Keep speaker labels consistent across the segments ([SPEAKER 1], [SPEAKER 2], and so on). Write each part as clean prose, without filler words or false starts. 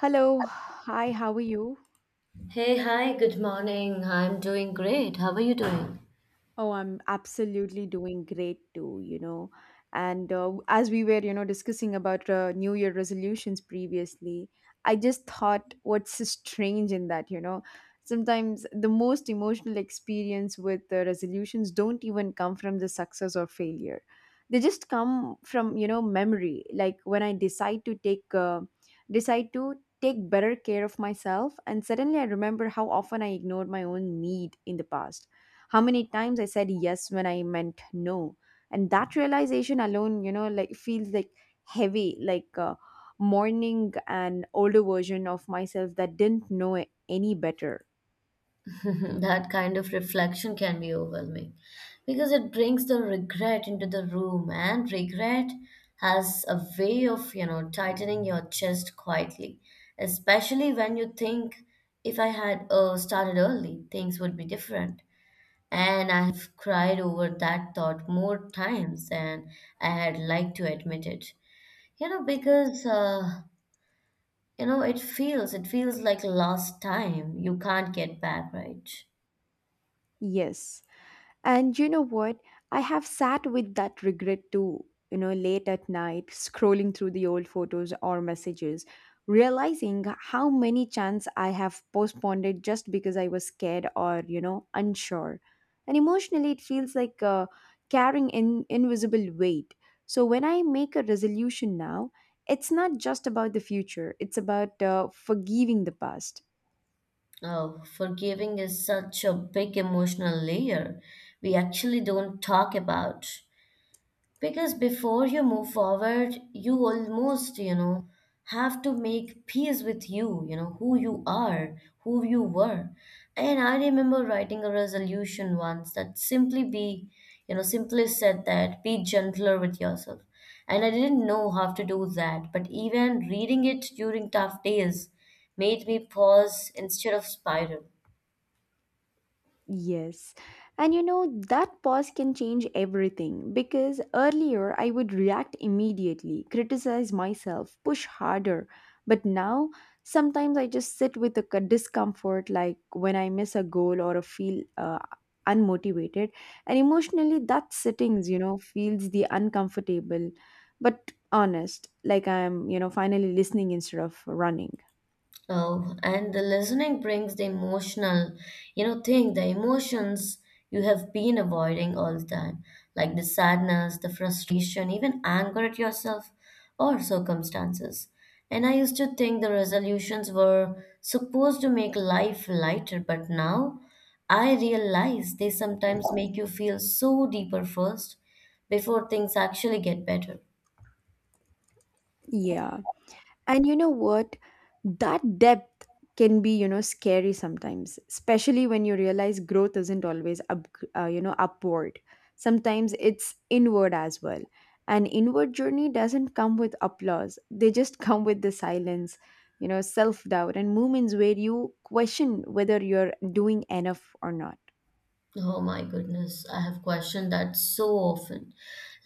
[SPEAKER 1] Hello, hi, how are you?
[SPEAKER 2] Hey, hi, good morning. I'm doing great. How are you doing?
[SPEAKER 1] Oh, I'm absolutely doing great too, you know. And as we were, discussing about New Year resolutions previously, I just thought what's so strange in that, you know. Sometimes the most emotional experience with the resolutions don't even come from the success or failure. They just come from, you know, memory. Like when I decide to take better care of myself, and suddenly I remember how often I ignored my own need in the past, how many times I said yes when I meant no. And that realization alone, you know, like feels like heavy, like mourning an older version of myself that didn't know any better.
[SPEAKER 2] That kind of reflection can be overwhelming because it brings the regret into the room, and regret has a way of, you know, tightening your chest quietly, especially when you think if I had started early, things would be different. And I have cried over that thought more times than I had liked to admit it. You know, because You know, it feels like lost time. You can't get back, right?
[SPEAKER 1] Yes. And you know what? I have sat with that regret too, you know, late at night, scrolling through the old photos or messages, realizing how many chances I have postponed it just because I was scared or, you know, unsure. And emotionally, it feels like carrying in invisible weight. So when I make a resolution now, it's not just about the future, it's about forgiving the past.
[SPEAKER 2] Oh, forgiving is such a big emotional layer we actually don't talk about. Because before you move forward, you almost, you know, have to make peace with you, you know, who you are, who you were. And I remember writing a resolution once that simply be, you know, simply said that be gentler with yourself. And I didn't know how to do that, but even reading it during tough days made me pause instead of spiral.
[SPEAKER 1] Yes. And you know, that pause can change everything, because earlier I would react immediately, criticize myself, push harder. But now, sometimes I just sit with a discomfort, like when I miss a goal or a feel unmotivated. And emotionally, that sittings, you know, feels the uncomfortable, but honest, like I'm, you know, finally listening instead of running.
[SPEAKER 2] Oh, and the listening brings the emotional, you know, thing, the emotions you have been avoiding all the time, like the sadness, the frustration, even anger at yourself or circumstances. And I used to think the resolutions were supposed to make life lighter, but now I realize they sometimes make you feel so deeper first before things actually get better.
[SPEAKER 1] Yeah. And you know what? That depth can be, you know, scary sometimes, especially when you realize growth isn't always upward. Sometimes it's inward as well. An inward journey doesn't come with applause. They just come with the silence, you know, self-doubt and moments where you question whether you're doing enough or not.
[SPEAKER 2] Oh my goodness, I have questioned that so often.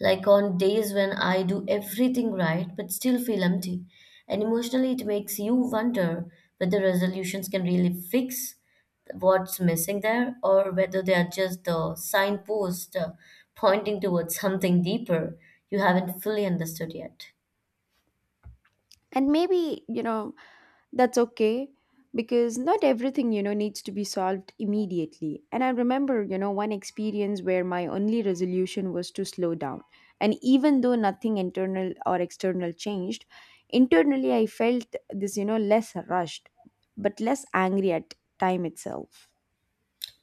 [SPEAKER 2] Like on days when I do everything right but still feel empty. And emotionally, it makes you wonder whether resolutions can really fix what's missing there or whether they are just the signpost pointing towards something deeper you haven't fully understood yet.
[SPEAKER 1] And maybe, you know, that's okay, because not everything, you know, needs to be solved immediately. And I remember, you know, one experience where my only resolution was to slow down. And even though nothing internal or external changed, internally I felt this, you know, less rushed, but less angry at time itself.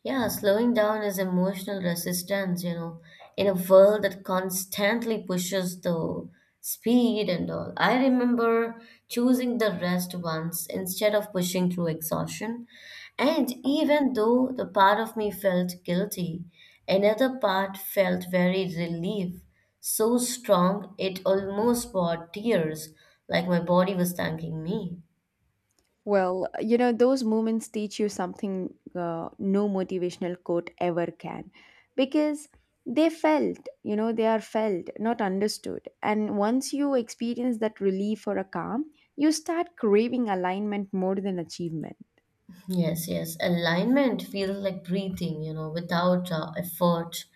[SPEAKER 2] Yeah, slowing down is emotional resistance, you know, in a world that constantly pushes the speed and all. I remember choosing the rest once instead of pushing through exhaustion. And even though the part of me felt guilty, another part felt very relief, so strong it almost brought tears, like my body was thanking me.
[SPEAKER 1] Well, you know, those moments teach you something no motivational quote ever can, because they felt, they are felt, not understood. And once you experience that relief or a calm, you start craving alignment more than achievement.
[SPEAKER 2] Yes, yes. Alignment feels like breathing, you know, without effort,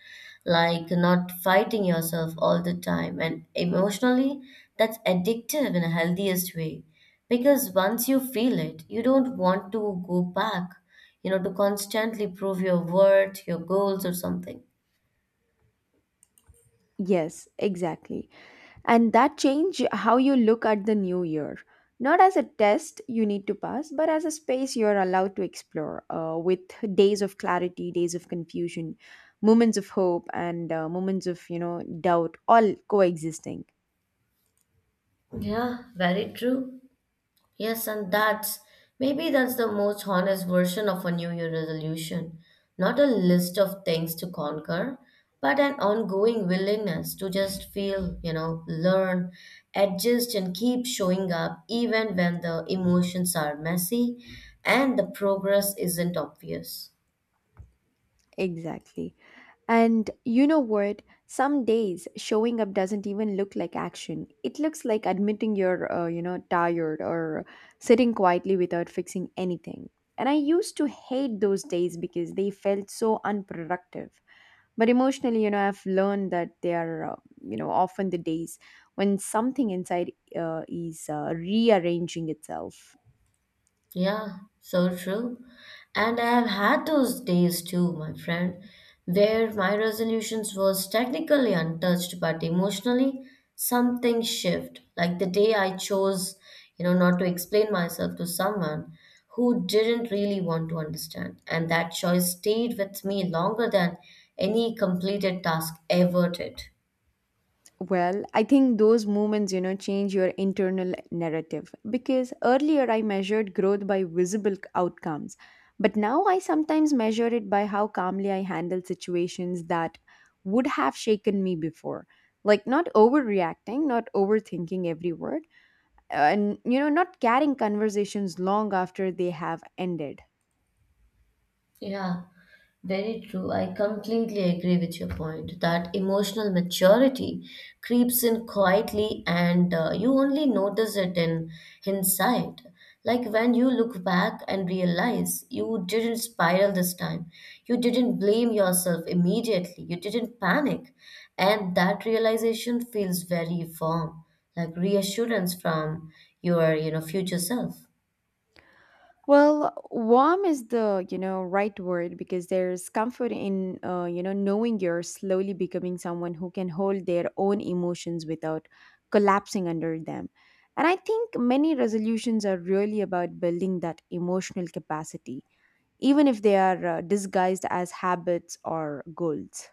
[SPEAKER 2] like not fighting yourself all the time. And emotionally, that's addictive in a healthiest way. Because once you feel it, you don't want to go back, you know, to constantly prove your worth, your goals, or something.
[SPEAKER 1] Yes, exactly. And that change how you look at the new year, not as a test you need to pass but as a space you're allowed to explore, with days of clarity, days of confusion, moments of hope and, moments of, you know, doubt, all coexisting.
[SPEAKER 2] Yeah, very true. Yes, and that's maybe that's the most honest version of a New Year resolution. Not a list of things to conquer, but an ongoing willingness to just feel, you know, learn, adjust, and keep showing up even when the emotions are messy and the progress isn't obvious.
[SPEAKER 1] Exactly. And you know what? Some days showing up doesn't even look like action. It looks like admitting you're, you know, tired, or sitting quietly without fixing anything. And I used to hate those days because they felt so unproductive. But emotionally, you know, I've learned that they are, you know, often the days when something inside is rearranging itself.
[SPEAKER 2] Yeah, so true. And I have had those days too, my friend, where my resolutions was technically untouched, but emotionally something shift. Like the day I chose, you know, not to explain myself to someone who didn't really want to understand. And that choice stayed with me longer than any completed task ever did.
[SPEAKER 1] Well, I think those moments, you know, change your internal narrative, because earlier I measured growth by visible outcomes, but now I sometimes measure it by how calmly I handle situations that would have shaken me before. Like not overreacting, not overthinking every word, and you know, not carrying conversations long after they have ended.
[SPEAKER 2] Yeah, very true. I completely agree with your point that emotional maturity creeps in quietly and you only notice it in hindsight. Like when you look back and realize you didn't spiral this time, you didn't blame yourself immediately, you didn't panic. And that realization feels very warm, like reassurance from your, you know, future self.
[SPEAKER 1] Well, warm is the, you know, right word, because there's comfort in, you know, knowing you're slowly becoming someone who can hold their own emotions without collapsing under them. And I think many resolutions are really about building that emotional capacity, even if they are disguised as habits or goals.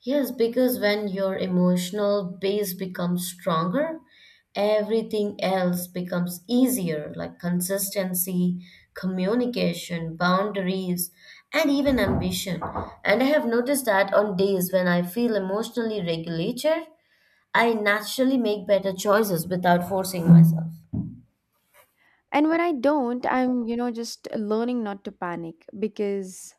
[SPEAKER 2] Yes, because when your emotional base becomes stronger, everything else becomes easier, like consistency, communication, boundaries, and even ambition. And I have noticed that on days when I feel emotionally regulated, I naturally make better choices without forcing myself.
[SPEAKER 1] And when I don't, I'm, you know, just learning not to panic, because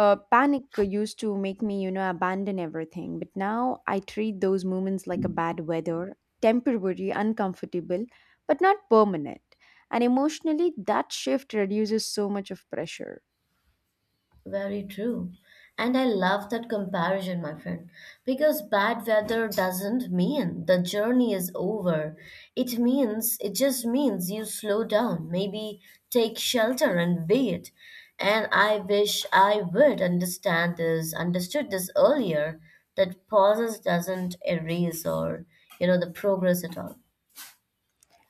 [SPEAKER 1] Panic used to make me, you know, abandon everything, but now I treat those moments like a bad weather, temporary, uncomfortable, but not permanent. And emotionally, that shift reduces so much of pressure.
[SPEAKER 2] Very true. And I love that comparison, my friend, because bad weather doesn't mean the journey is over. It just means you slow down, maybe take shelter and wait. And I wish I would understood this earlier, that pauses doesn't erase or, you know, the progress at all.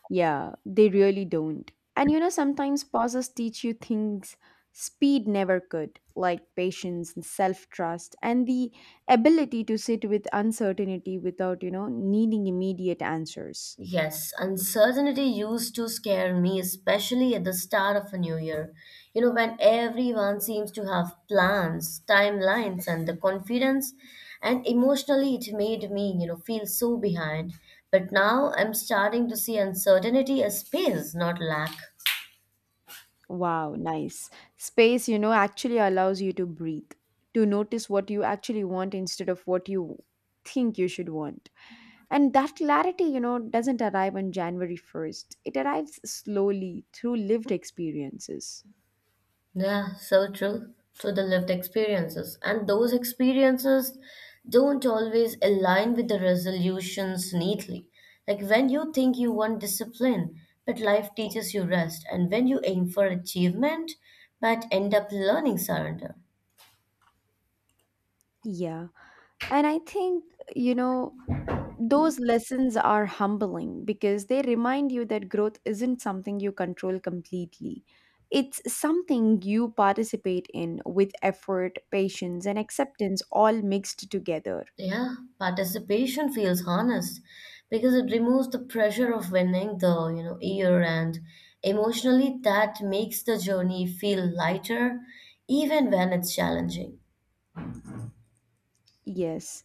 [SPEAKER 1] Yeah, they really don't. And you know, sometimes pauses teach you things speed never could, like patience and self trust, and the ability to sit with uncertainty without, you know, needing immediate answers.
[SPEAKER 2] Yes, uncertainty used to scare me, especially at the start of a new year. You know, when everyone seems to have plans, timelines, and the confidence, and emotionally it made me, you know, feel so behind. But now I'm starting to see uncertainty as space, not lack.
[SPEAKER 1] Wow, nice. Space, you know, actually allows you to breathe, to notice what you actually want instead of what you think you should want. And that clarity, you know, doesn't arrive on January 1st. It arrives slowly through lived experiences.
[SPEAKER 2] Yeah, so true. So the lived experiences. And those experiences don't always align with the resolutions neatly. Like when you think you want discipline, but life teaches you rest. And when you aim for achievement, but end up learning surrender.
[SPEAKER 1] Yeah. And I think, you know, those lessons are humbling because they remind you that growth isn't something you control completely. It's something you participate in with effort, patience, and acceptance all mixed together.
[SPEAKER 2] Yeah, participation feels honest because it removes the pressure of winning the, you know, year and emotionally that makes the journey feel lighter even when it's challenging.
[SPEAKER 1] Yes.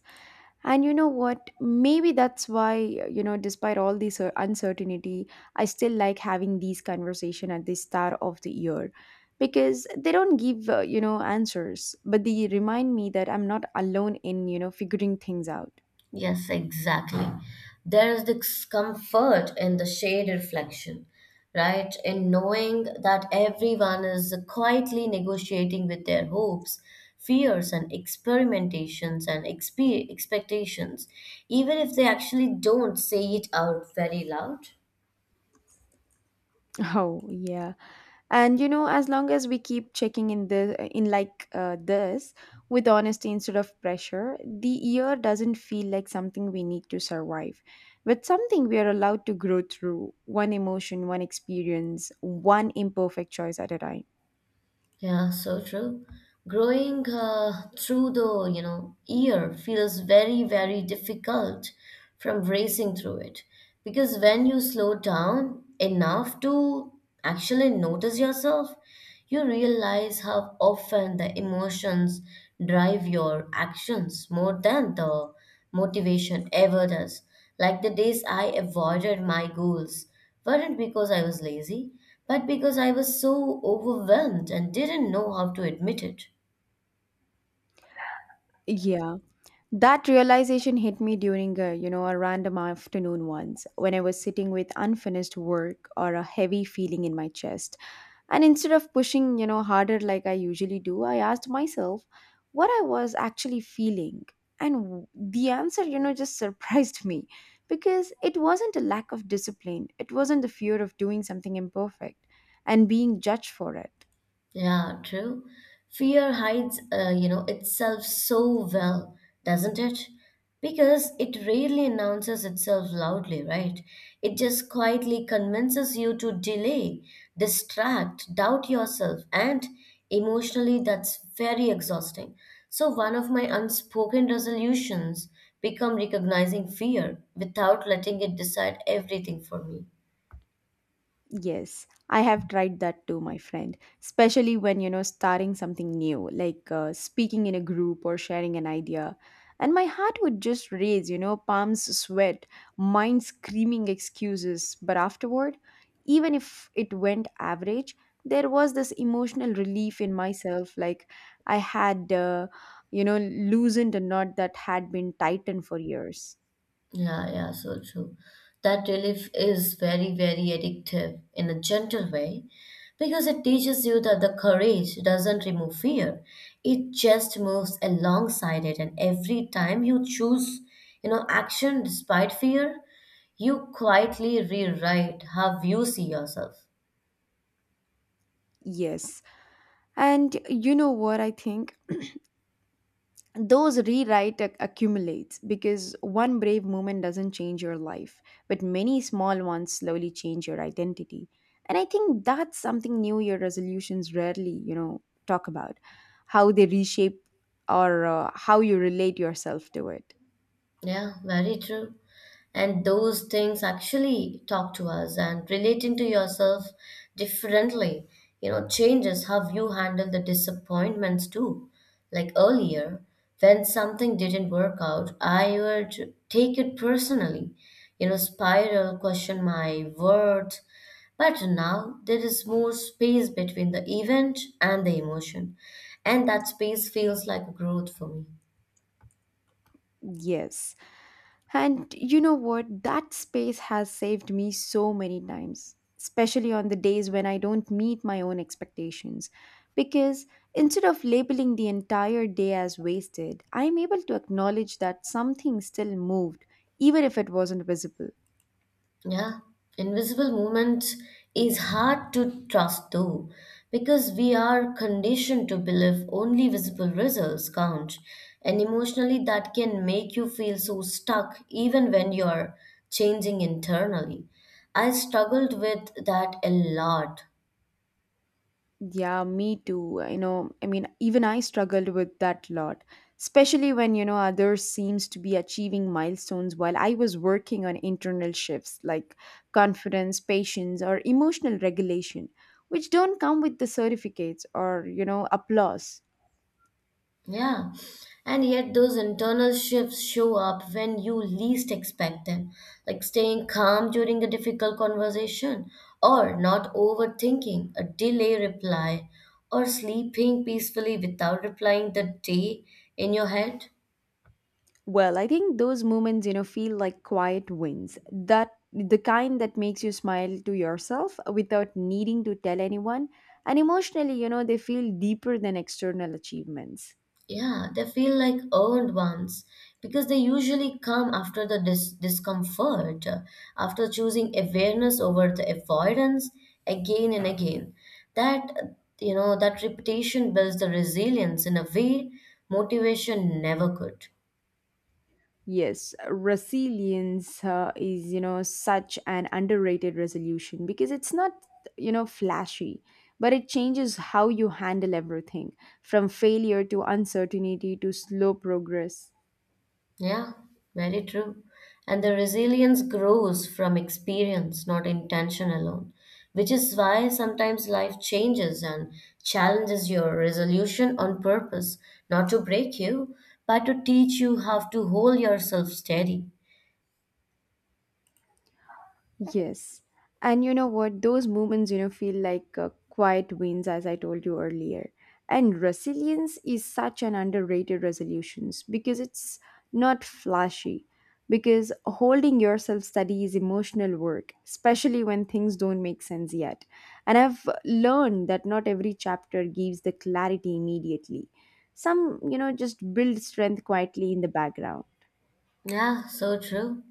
[SPEAKER 1] And you know what? Maybe that's why, you know, despite all this uncertainty, I still like having these conversation at the start of the year, because they don't give, you know, answers, but they remind me that I'm not alone in, you know, figuring things out.
[SPEAKER 2] Yes, exactly. There is this comfort in the shade reflection, right? In knowing that everyone is quietly negotiating with their hopes, fears, and experimentations and expectations, even if they actually don't say it out very loud.
[SPEAKER 1] Oh yeah, and you know, as long as we keep checking in the in like this with honesty instead of pressure, the year doesn't feel like something we need to survive, but something we are allowed to grow through, one emotion, one experience, one imperfect choice at a time.
[SPEAKER 2] Yeah, so true. Growing through the, you know, ear feels very, very difficult from racing through it. Because when you slow down enough to actually notice yourself, you realize how often the emotions drive your actions more than the motivation ever does. Like the days I avoided my goals weren't because I was lazy, but because I was so overwhelmed and didn't know how to admit it.
[SPEAKER 1] Yeah, that realization hit me during a, you know, a random afternoon once when I was sitting with unfinished work or a heavy feeling in my chest. And instead of pushing, you know, harder like I usually do, I asked myself what I was actually feeling. And the answer, you know, just surprised me, because it wasn't a lack of discipline. It wasn't the fear of doing something imperfect and being judged for it.
[SPEAKER 2] Yeah, true. Fear hides, you know, itself so well, doesn't it? Because it rarely announces itself loudly, right? It just quietly convinces you to delay, distract, doubt yourself, and emotionally, that's very exhausting. So, one of my unspoken resolutions become recognizing fear without letting it decide everything for me.
[SPEAKER 1] Yes, I have tried that too, my friend. Especially when, you know, starting something new, like speaking in a group or sharing an idea. And my heart would just race, you know, palms sweat, mind screaming excuses. But afterward, even if it went average, there was this emotional relief in myself, like I had, you know, loosened a knot that had been tightened for years.
[SPEAKER 2] Yeah, so true. That relief is very, very addictive in a gentle way because it teaches you that the courage doesn't remove fear. It just moves alongside it. And every time you choose, you know, action despite fear, you quietly rewrite how you see yourself.
[SPEAKER 1] Yes. And you know what I think? Those rewrite accumulates, because one brave moment doesn't change your life, but many small ones slowly change your identity. And I think that's something New Year resolutions rarely, you know, talk about, how they reshape or how you relate yourself to it.
[SPEAKER 2] Yeah, very true. And those things actually talk to us and relating to yourself differently, you know, changes how you handle the disappointments too. Like earlier when something didn't work out, I would take it personally, you know, spiral, question my worth. But now there is more space between the event and the emotion, and that space feels like growth for me.
[SPEAKER 1] Yes. And you know what? That space has saved me so many times, especially on the days when I don't meet my own expectations. Because instead of labeling the entire day as wasted, I am able to acknowledge that something still moved, even if it wasn't visible.
[SPEAKER 2] Yeah, invisible movement is hard to trust though, because we are conditioned to believe only visible results count, and emotionally that can make you feel so stuck even when you're changing internally. I struggled with that a lot.
[SPEAKER 1] Yeah, me too. You know, I mean, even I struggled with that lot, especially when, you know, others seems to be achieving milestones while I was working on internal shifts like confidence, patience, or emotional regulation, which don't come with the certificates or, you know, applause.
[SPEAKER 2] Yeah, and yet those internal shifts show up when you least expect them, like staying calm during a difficult conversation, or not overthinking a delay reply, or sleeping peacefully without replying the day in your head.
[SPEAKER 1] Well, I think those moments, you know, feel like quiet wins. That the kind that makes you smile to yourself without needing to tell anyone. And emotionally, you know, they feel deeper than external achievements.
[SPEAKER 2] Yeah, they feel like earned ones because they usually come after the discomfort, after choosing awareness over the avoidance again and again. That, uh, you know, that repetition builds the resilience in a way motivation never could.
[SPEAKER 1] Yes, resilience is, you know, such an underrated resolution because it's not, you know, flashy, but it changes how you handle everything from failure to uncertainty to slow progress.
[SPEAKER 2] Yeah, very true. And the resilience grows from experience, not intention alone, which is why sometimes life changes and challenges your resolution on purpose, not to break you, but to teach you how to hold yourself steady.
[SPEAKER 1] Yes. And you know what? Those moments, you know, feel like quiet wins, as I told you earlier. And resilience is such an underrated resolutions because it's not flashy. Because holding yourself steady is emotional work, especially when things don't make sense yet. And I've learned that not every chapter gives the clarity immediately. Some, you know, just build strength quietly in the background.
[SPEAKER 2] Yeah, so true.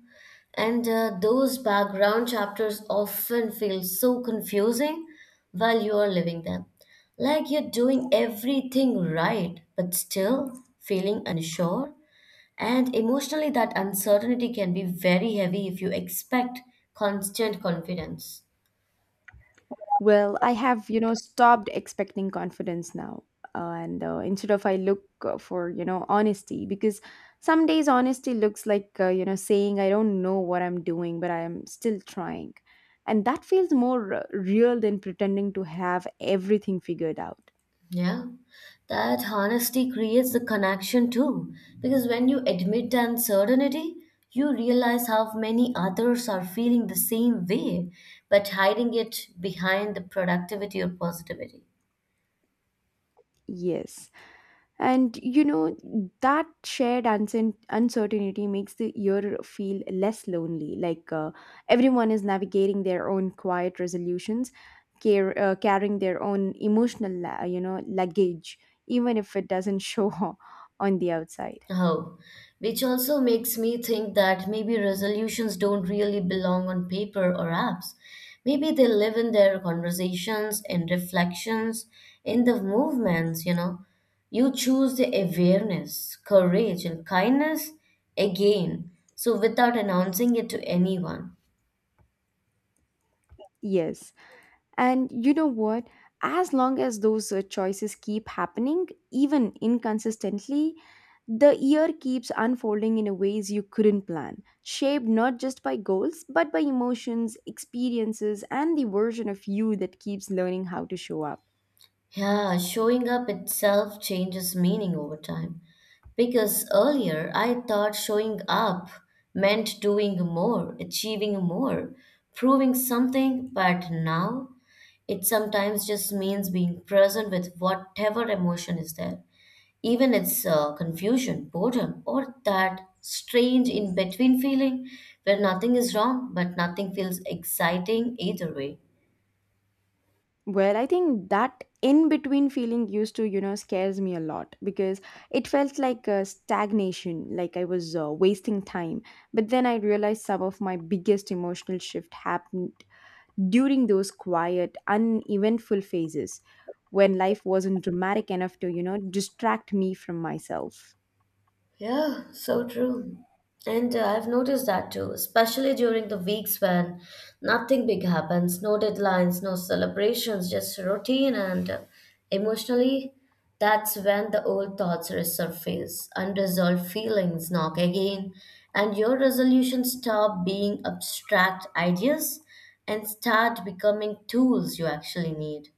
[SPEAKER 2] And those background chapters often feel so confusing while you are living them. Like you're doing everything right, but still feeling unsure. And emotionally, that uncertainty can be very heavy if you expect constant confidence.
[SPEAKER 1] Well, I have, you know, stopped expecting confidence now. And instead of I look for, you know, honesty, because some days honesty looks like, you know, saying I don't know what I'm doing, but I am still trying. And that feels more real than pretending to have everything figured out.
[SPEAKER 2] Yeah. That honesty creates the connection too. Because when you admit the uncertainty, you realize how many others are feeling the same way, but hiding it behind the productivity or positivity.
[SPEAKER 1] Yes. And you know, that shared uncertainty makes the year feel less lonely. Like everyone is navigating their own quiet resolutions, carrying their own emotional, you know, luggage, even if it doesn't show on the outside.
[SPEAKER 2] Oh, which also makes me think that maybe resolutions don't really belong on paper or apps. Maybe they live in their conversations, in reflections, in the movements, you know. You choose the awareness, courage, and kindness again, so without announcing it to anyone.
[SPEAKER 1] Yes. And you know what? As long as those choices keep happening, even inconsistently, the year keeps unfolding in a ways you couldn't plan, shaped not just by goals, but by emotions, experiences, and the version of you that keeps learning how to show up.
[SPEAKER 2] Yeah, showing up itself changes meaning over time. Because earlier I thought showing up meant doing more, achieving more, proving something, but now it sometimes just means being present with whatever emotion is there. Even it's confusion, boredom, or that strange in between feeling where nothing is wrong, but nothing feels exciting either way.
[SPEAKER 1] Well, I think that in between feeling used to, you know, scares me a lot, because it felt like a stagnation, like I was wasting time. But then I realized some of my biggest emotional shift happened during those quiet, uneventful phases when life wasn't dramatic enough to, you know, distract me from myself.
[SPEAKER 2] Yeah, so true. And I've noticed that too, especially during the weeks when nothing big happens, no deadlines, no celebrations, just routine. And emotionally, that's when the old thoughts resurface, unresolved feelings knock again, and your resolutions stop being abstract ideas and start becoming tools you actually need.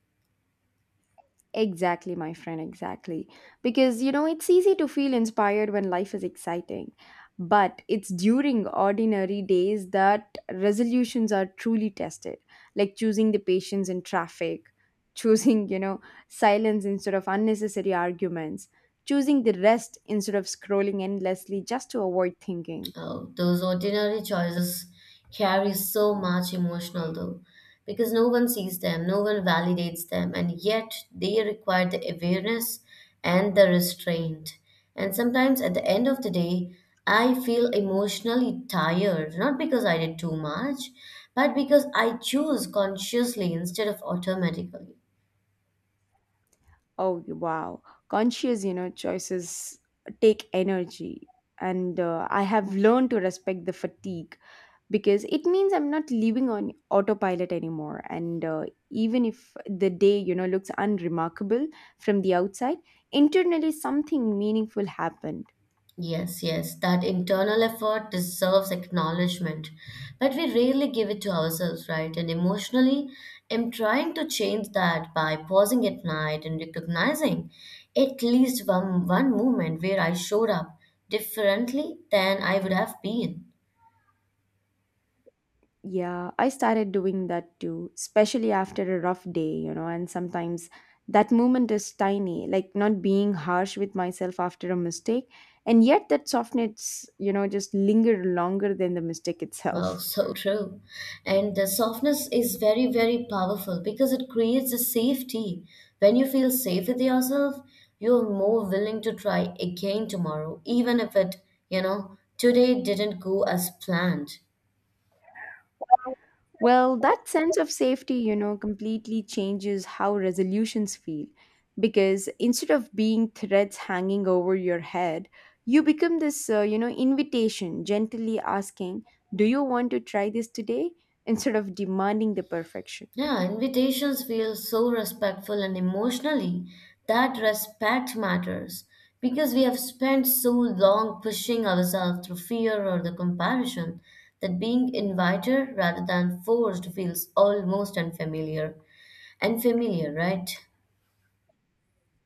[SPEAKER 1] Exactly, my friend, exactly. Because, you know, it's easy to feel inspired when life is exciting. But it's during ordinary days that resolutions are truly tested, like choosing the patience in traffic, choosing, you know, silence instead of unnecessary arguments, choosing the rest instead of scrolling endlessly just to avoid thinking.
[SPEAKER 2] Oh, those ordinary choices carry so much emotional though, because no one sees them, no one validates them, and yet they require the awareness and the restraint. And sometimes at the end of the day, I feel emotionally tired, not because I did too much, but because I choose consciously instead of automatically.
[SPEAKER 1] Oh, wow. Conscious, you know, choices take energy. And I have learned to respect the fatigue because it means I'm not living on autopilot anymore. And Even if the day, you know, looks unremarkable from the outside, internally something meaningful happened.
[SPEAKER 2] Yes, yes, that internal effort deserves acknowledgement, but we rarely give it to ourselves, right? And emotionally, I'm trying to change that by pausing at night and recognizing at least one moment where I showed up differently than I would have been.
[SPEAKER 1] Yeah, I started doing that too, especially after a rough day, you know, and sometimes that moment is tiny, like not being harsh with myself after a mistake. And yet that softness, you know, just linger longer than the mistake
[SPEAKER 2] Oh,
[SPEAKER 1] itself.
[SPEAKER 2] so true. And the softness is very, very powerful because it creates a safety. When you feel safe with yourself, you're more willing to try again tomorrow, even if today didn't go as planned.
[SPEAKER 1] Well, that sense of safety, you know, completely changes how resolutions feel. Because instead of being threats hanging over your head, you become this, you know, invitation gently asking, do you want to try this today, instead of demanding the perfection?
[SPEAKER 2] Yeah, invitations feel so respectful, and emotionally that respect matters because we have spent so long pushing ourselves through fear or the comparison that being invited rather than forced feels almost unfamiliar and familiar, right?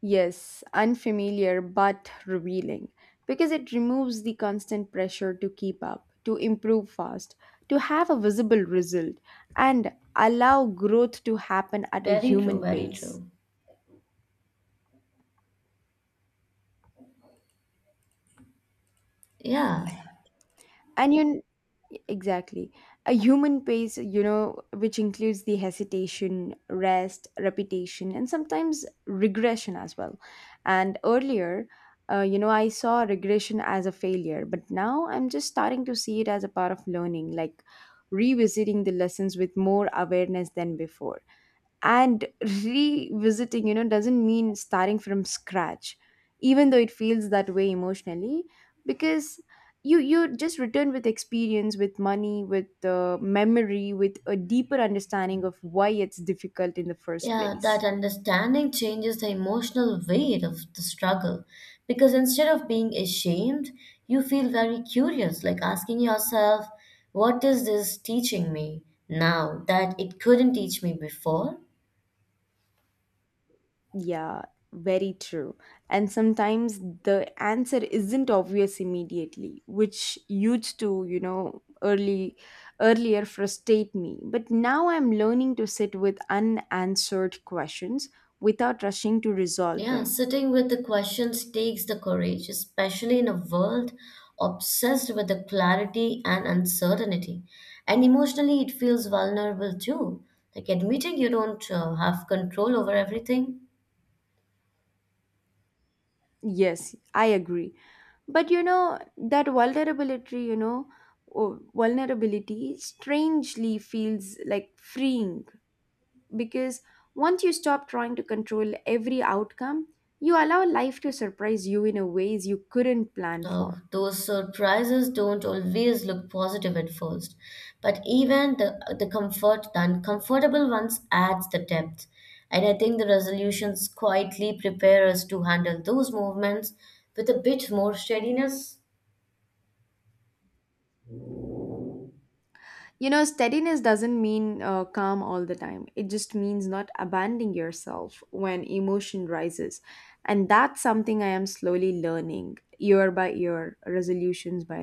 [SPEAKER 1] Yes, unfamiliar but revealing, because it removes the constant pressure to keep up, to improve fast, to have a visible result, and allow growth to happen at a
[SPEAKER 2] Very true,
[SPEAKER 1] human
[SPEAKER 2] very
[SPEAKER 1] pace.
[SPEAKER 2] true. Yeah.
[SPEAKER 1] And you, exactly, a human pace, you know, which includes the hesitation, rest, repetition, and sometimes regression as well. And earlier, you know, I saw regression as a failure, but now I'm just starting to see it as a part of learning, like revisiting the lessons with more awareness than before. And revisiting, you know, doesn't mean starting from scratch, even though it feels that way emotionally, because you just return with experience, with money, with memory, with a deeper understanding of why it's difficult in the first
[SPEAKER 2] Yeah,
[SPEAKER 1] place.
[SPEAKER 2] that understanding changes the emotional weight of the struggle, because instead of being ashamed, you feel very curious, like asking yourself, what is this teaching me now that it couldn't teach me before?
[SPEAKER 1] Yeah, very true. And sometimes the answer isn't obvious immediately, which used to, you know, early earlier frustrate me. But now I'm learning to sit with unanswered questions without rushing to resolve
[SPEAKER 2] Yeah,
[SPEAKER 1] them.
[SPEAKER 2] sitting with the questions takes the courage, especially in a world obsessed with the clarity and uncertainty. And emotionally, it feels vulnerable too, like admitting you don't have control over everything.
[SPEAKER 1] Yes, I agree. But you know, that vulnerability, you know, oh, vulnerability strangely feels like freeing. Because once you stop trying to control every outcome, you allow life to surprise you in a ways you couldn't plan
[SPEAKER 2] Now,
[SPEAKER 1] for.
[SPEAKER 2] those surprises don't always look positive at first, but even the comfort, the uncomfortable ones adds the depth. And I think the resolutions quietly prepare us to handle those movements with a bit more steadiness.
[SPEAKER 1] You know, steadiness doesn't mean calm all the time. It just means not abandoning yourself when emotion rises. And that's something I am slowly learning year by year, resolutions by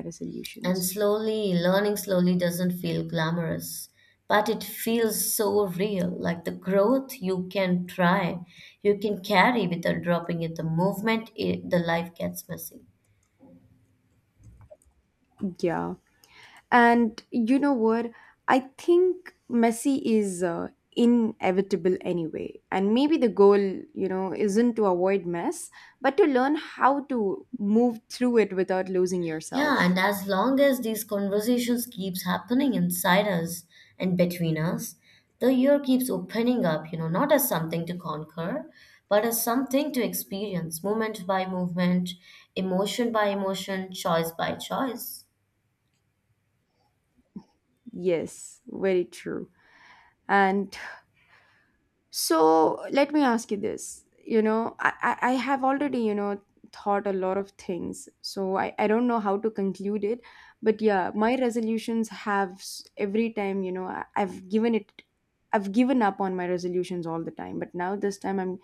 [SPEAKER 2] And
[SPEAKER 1] resolutions.
[SPEAKER 2] slowly, learning slowly doesn't feel glamorous, but it feels so real, like the growth you can try, you can carry without dropping it. The movement, it, the life gets messy.
[SPEAKER 1] Yeah. And you know what? I think Messi is inevitable anyway. And maybe the goal, you know, isn't to avoid mess, but to learn how to move through it without losing
[SPEAKER 2] Yeah,
[SPEAKER 1] yourself.
[SPEAKER 2] and as long as these conversations keeps happening inside us and between us, the year keeps opening up, you know, not as something to conquer, but as something to experience, moment by moment, emotion by emotion, choice by choice.
[SPEAKER 1] Yes, very true. And so let me ask you this. You know, I have already, you know, thought a lot of things. So I don't know how to conclude it. But yeah, my resolutions have every time, you know, I've given up on my resolutions all the time. But now this time I'm,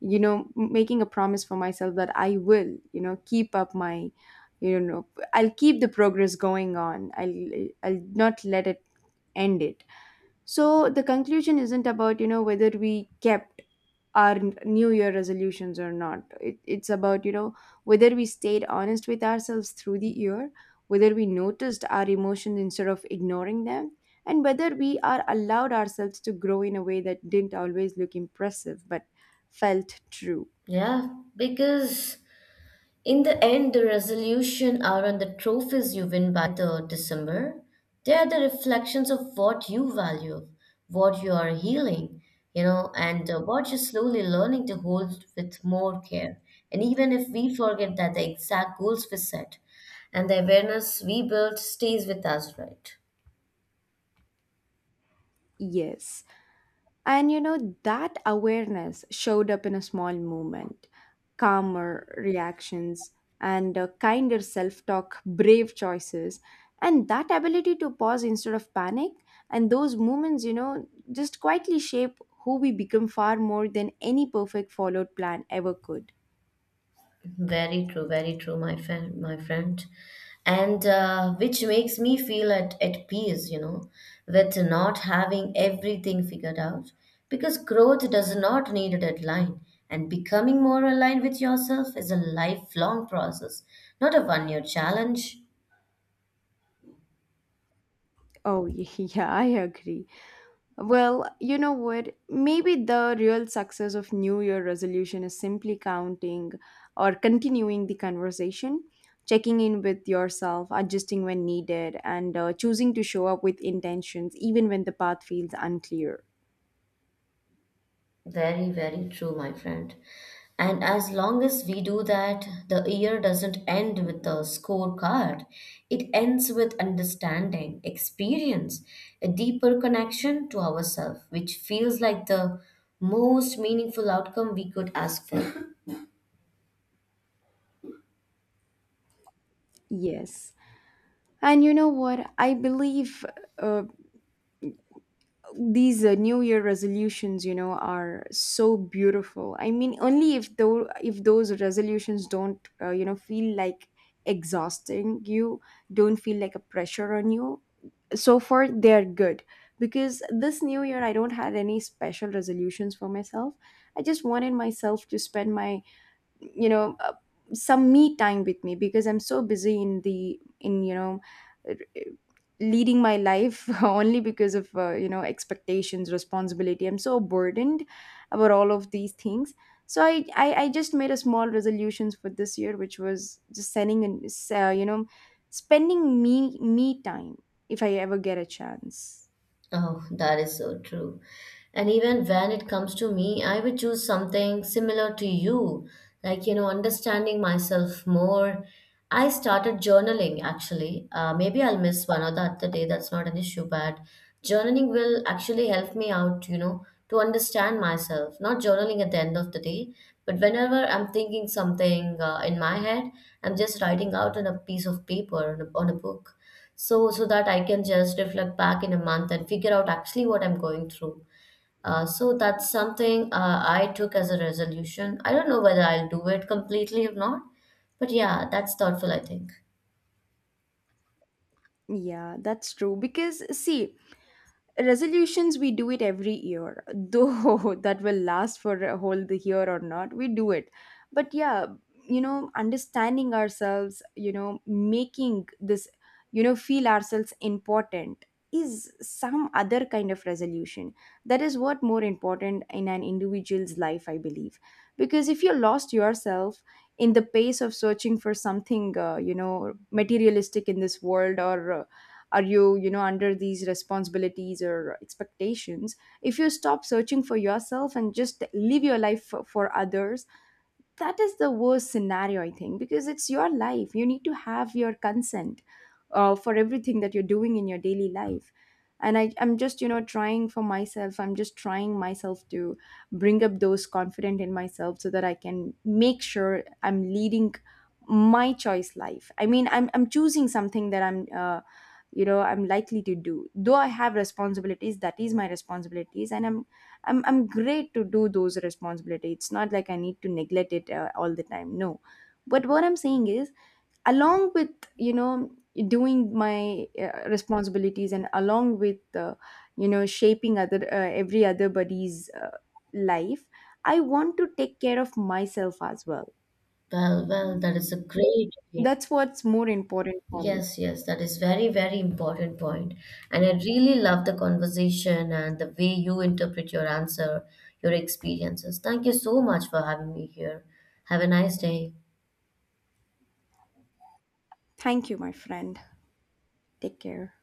[SPEAKER 1] you know, making a promise for myself that I will, you know, keep up my, you know, I'll keep the progress going on. I'll not let it end it. So the conclusion isn't about, you know, whether we kept our new year resolutions or not, it, it's about, you know, whether we stayed honest with ourselves through the year, whether we noticed our emotions instead of ignoring them, and whether we are allowed ourselves to grow in a way that didn't always look impressive but felt true.
[SPEAKER 2] Yeah, because in the end, the resolution aren't the trophies you win by the December. They are the reflections of what you value, what you are healing, you know, and what you're slowly learning to hold with more care. And even if we forget that, the exact goals we set and the awareness we build stays with us, right?
[SPEAKER 1] Yes. And you know, that awareness showed up in a small movement, calmer reactions, and a kinder self talk, brave choices. And that ability to pause instead of panic, and those moments, you know, just quietly shape who we become far more than any perfect followed plan ever could.
[SPEAKER 2] Very true, my friend, my friend. And which makes me feel at peace, you know, with not having everything figured out. Because growth does not need a deadline, and becoming more aligned with yourself is a lifelong process, not a one year challenge.
[SPEAKER 1] Oh, yeah, I agree. Well, you know what? Maybe the real success of New Year resolution is simply counting or continuing the conversation, checking in with yourself, adjusting when needed, and choosing to show up with intentions even when the path feels unclear.
[SPEAKER 2] Very, very true, my friend. And as long as we do that, the year doesn't end with the scorecard. It ends with understanding, experience, a deeper connection to ourselves, which feels like the most meaningful outcome we could ask for.
[SPEAKER 1] Yes. And you know what? I believe uh, these new year resolutions, you know, are so beautiful. I mean, only if though, if those resolutions don't, you know, feel like exhausting you, don't feel like a pressure on you, so far they're good. Because this new year I don't had any special resolutions for myself. I just wanted myself to spend my, you know, some me time with me, because I'm so busy in the in you know, r- leading my life only because of, you know, expectations, responsibility. I'm so burdened about all of these things. So I just made a small resolutions for this year, which was just sending and, you know, spending me time if I ever get a chance.
[SPEAKER 2] Oh, that is so true. And even when it comes to me, I would choose something similar to you, like, you know, understanding myself more. I started journaling actually. Maybe I'll miss one or the other day, that's not an issue, but journaling will actually help me out, you know, to understand myself, not journaling at the end of the day, but whenever I'm thinking something in my head, I'm just writing out on a piece of paper, on a book, so that I can just reflect back in a month and figure out actually what I'm going through. So that's something I took as a resolution. I don't know whether I'll do it completely or not, but yeah, that's thoughtful, I think.
[SPEAKER 1] Yeah, that's true, because see, resolutions we do it every year, though that will last for a whole the year or not, we do it. But yeah, you know, understanding ourselves, you know, making this, you know, feel ourselves important is some other kind of resolution. That is what more important in an individual's life I believe, because if you lost yourself in the pace of searching for something, you know, materialistic in this world, or are you, you know, under these responsibilities or expectations, if you stop searching for yourself and just live your life for others, that is the worst scenario I think, because it's your life, you need to have your consent for everything that you're doing in your daily life. And I'm just, you know, trying for myself, I'm just trying myself to bring up those confident in myself, so that I can make sure I'm leading my choice life. I mean, I'm choosing something that I'm, you know, I'm likely to do. Though I have responsibilities, that is my responsibilities, and I'm great to do those responsibilities. It's not like I need to neglect it all the time, no. But what I'm saying is, along with, you know, doing my responsibilities, and along with, you know, shaping other every other body's life, I want to take care of myself as well.
[SPEAKER 2] Well, well, that is a great way.
[SPEAKER 1] That's what's more important for me.
[SPEAKER 2] Yes, yes, that is very, very important point. And I really love the conversation and the way you interpret your answer, your experiences. Thank you so much for having me here. Have a nice day.
[SPEAKER 1] Thank you, my friend. Take care.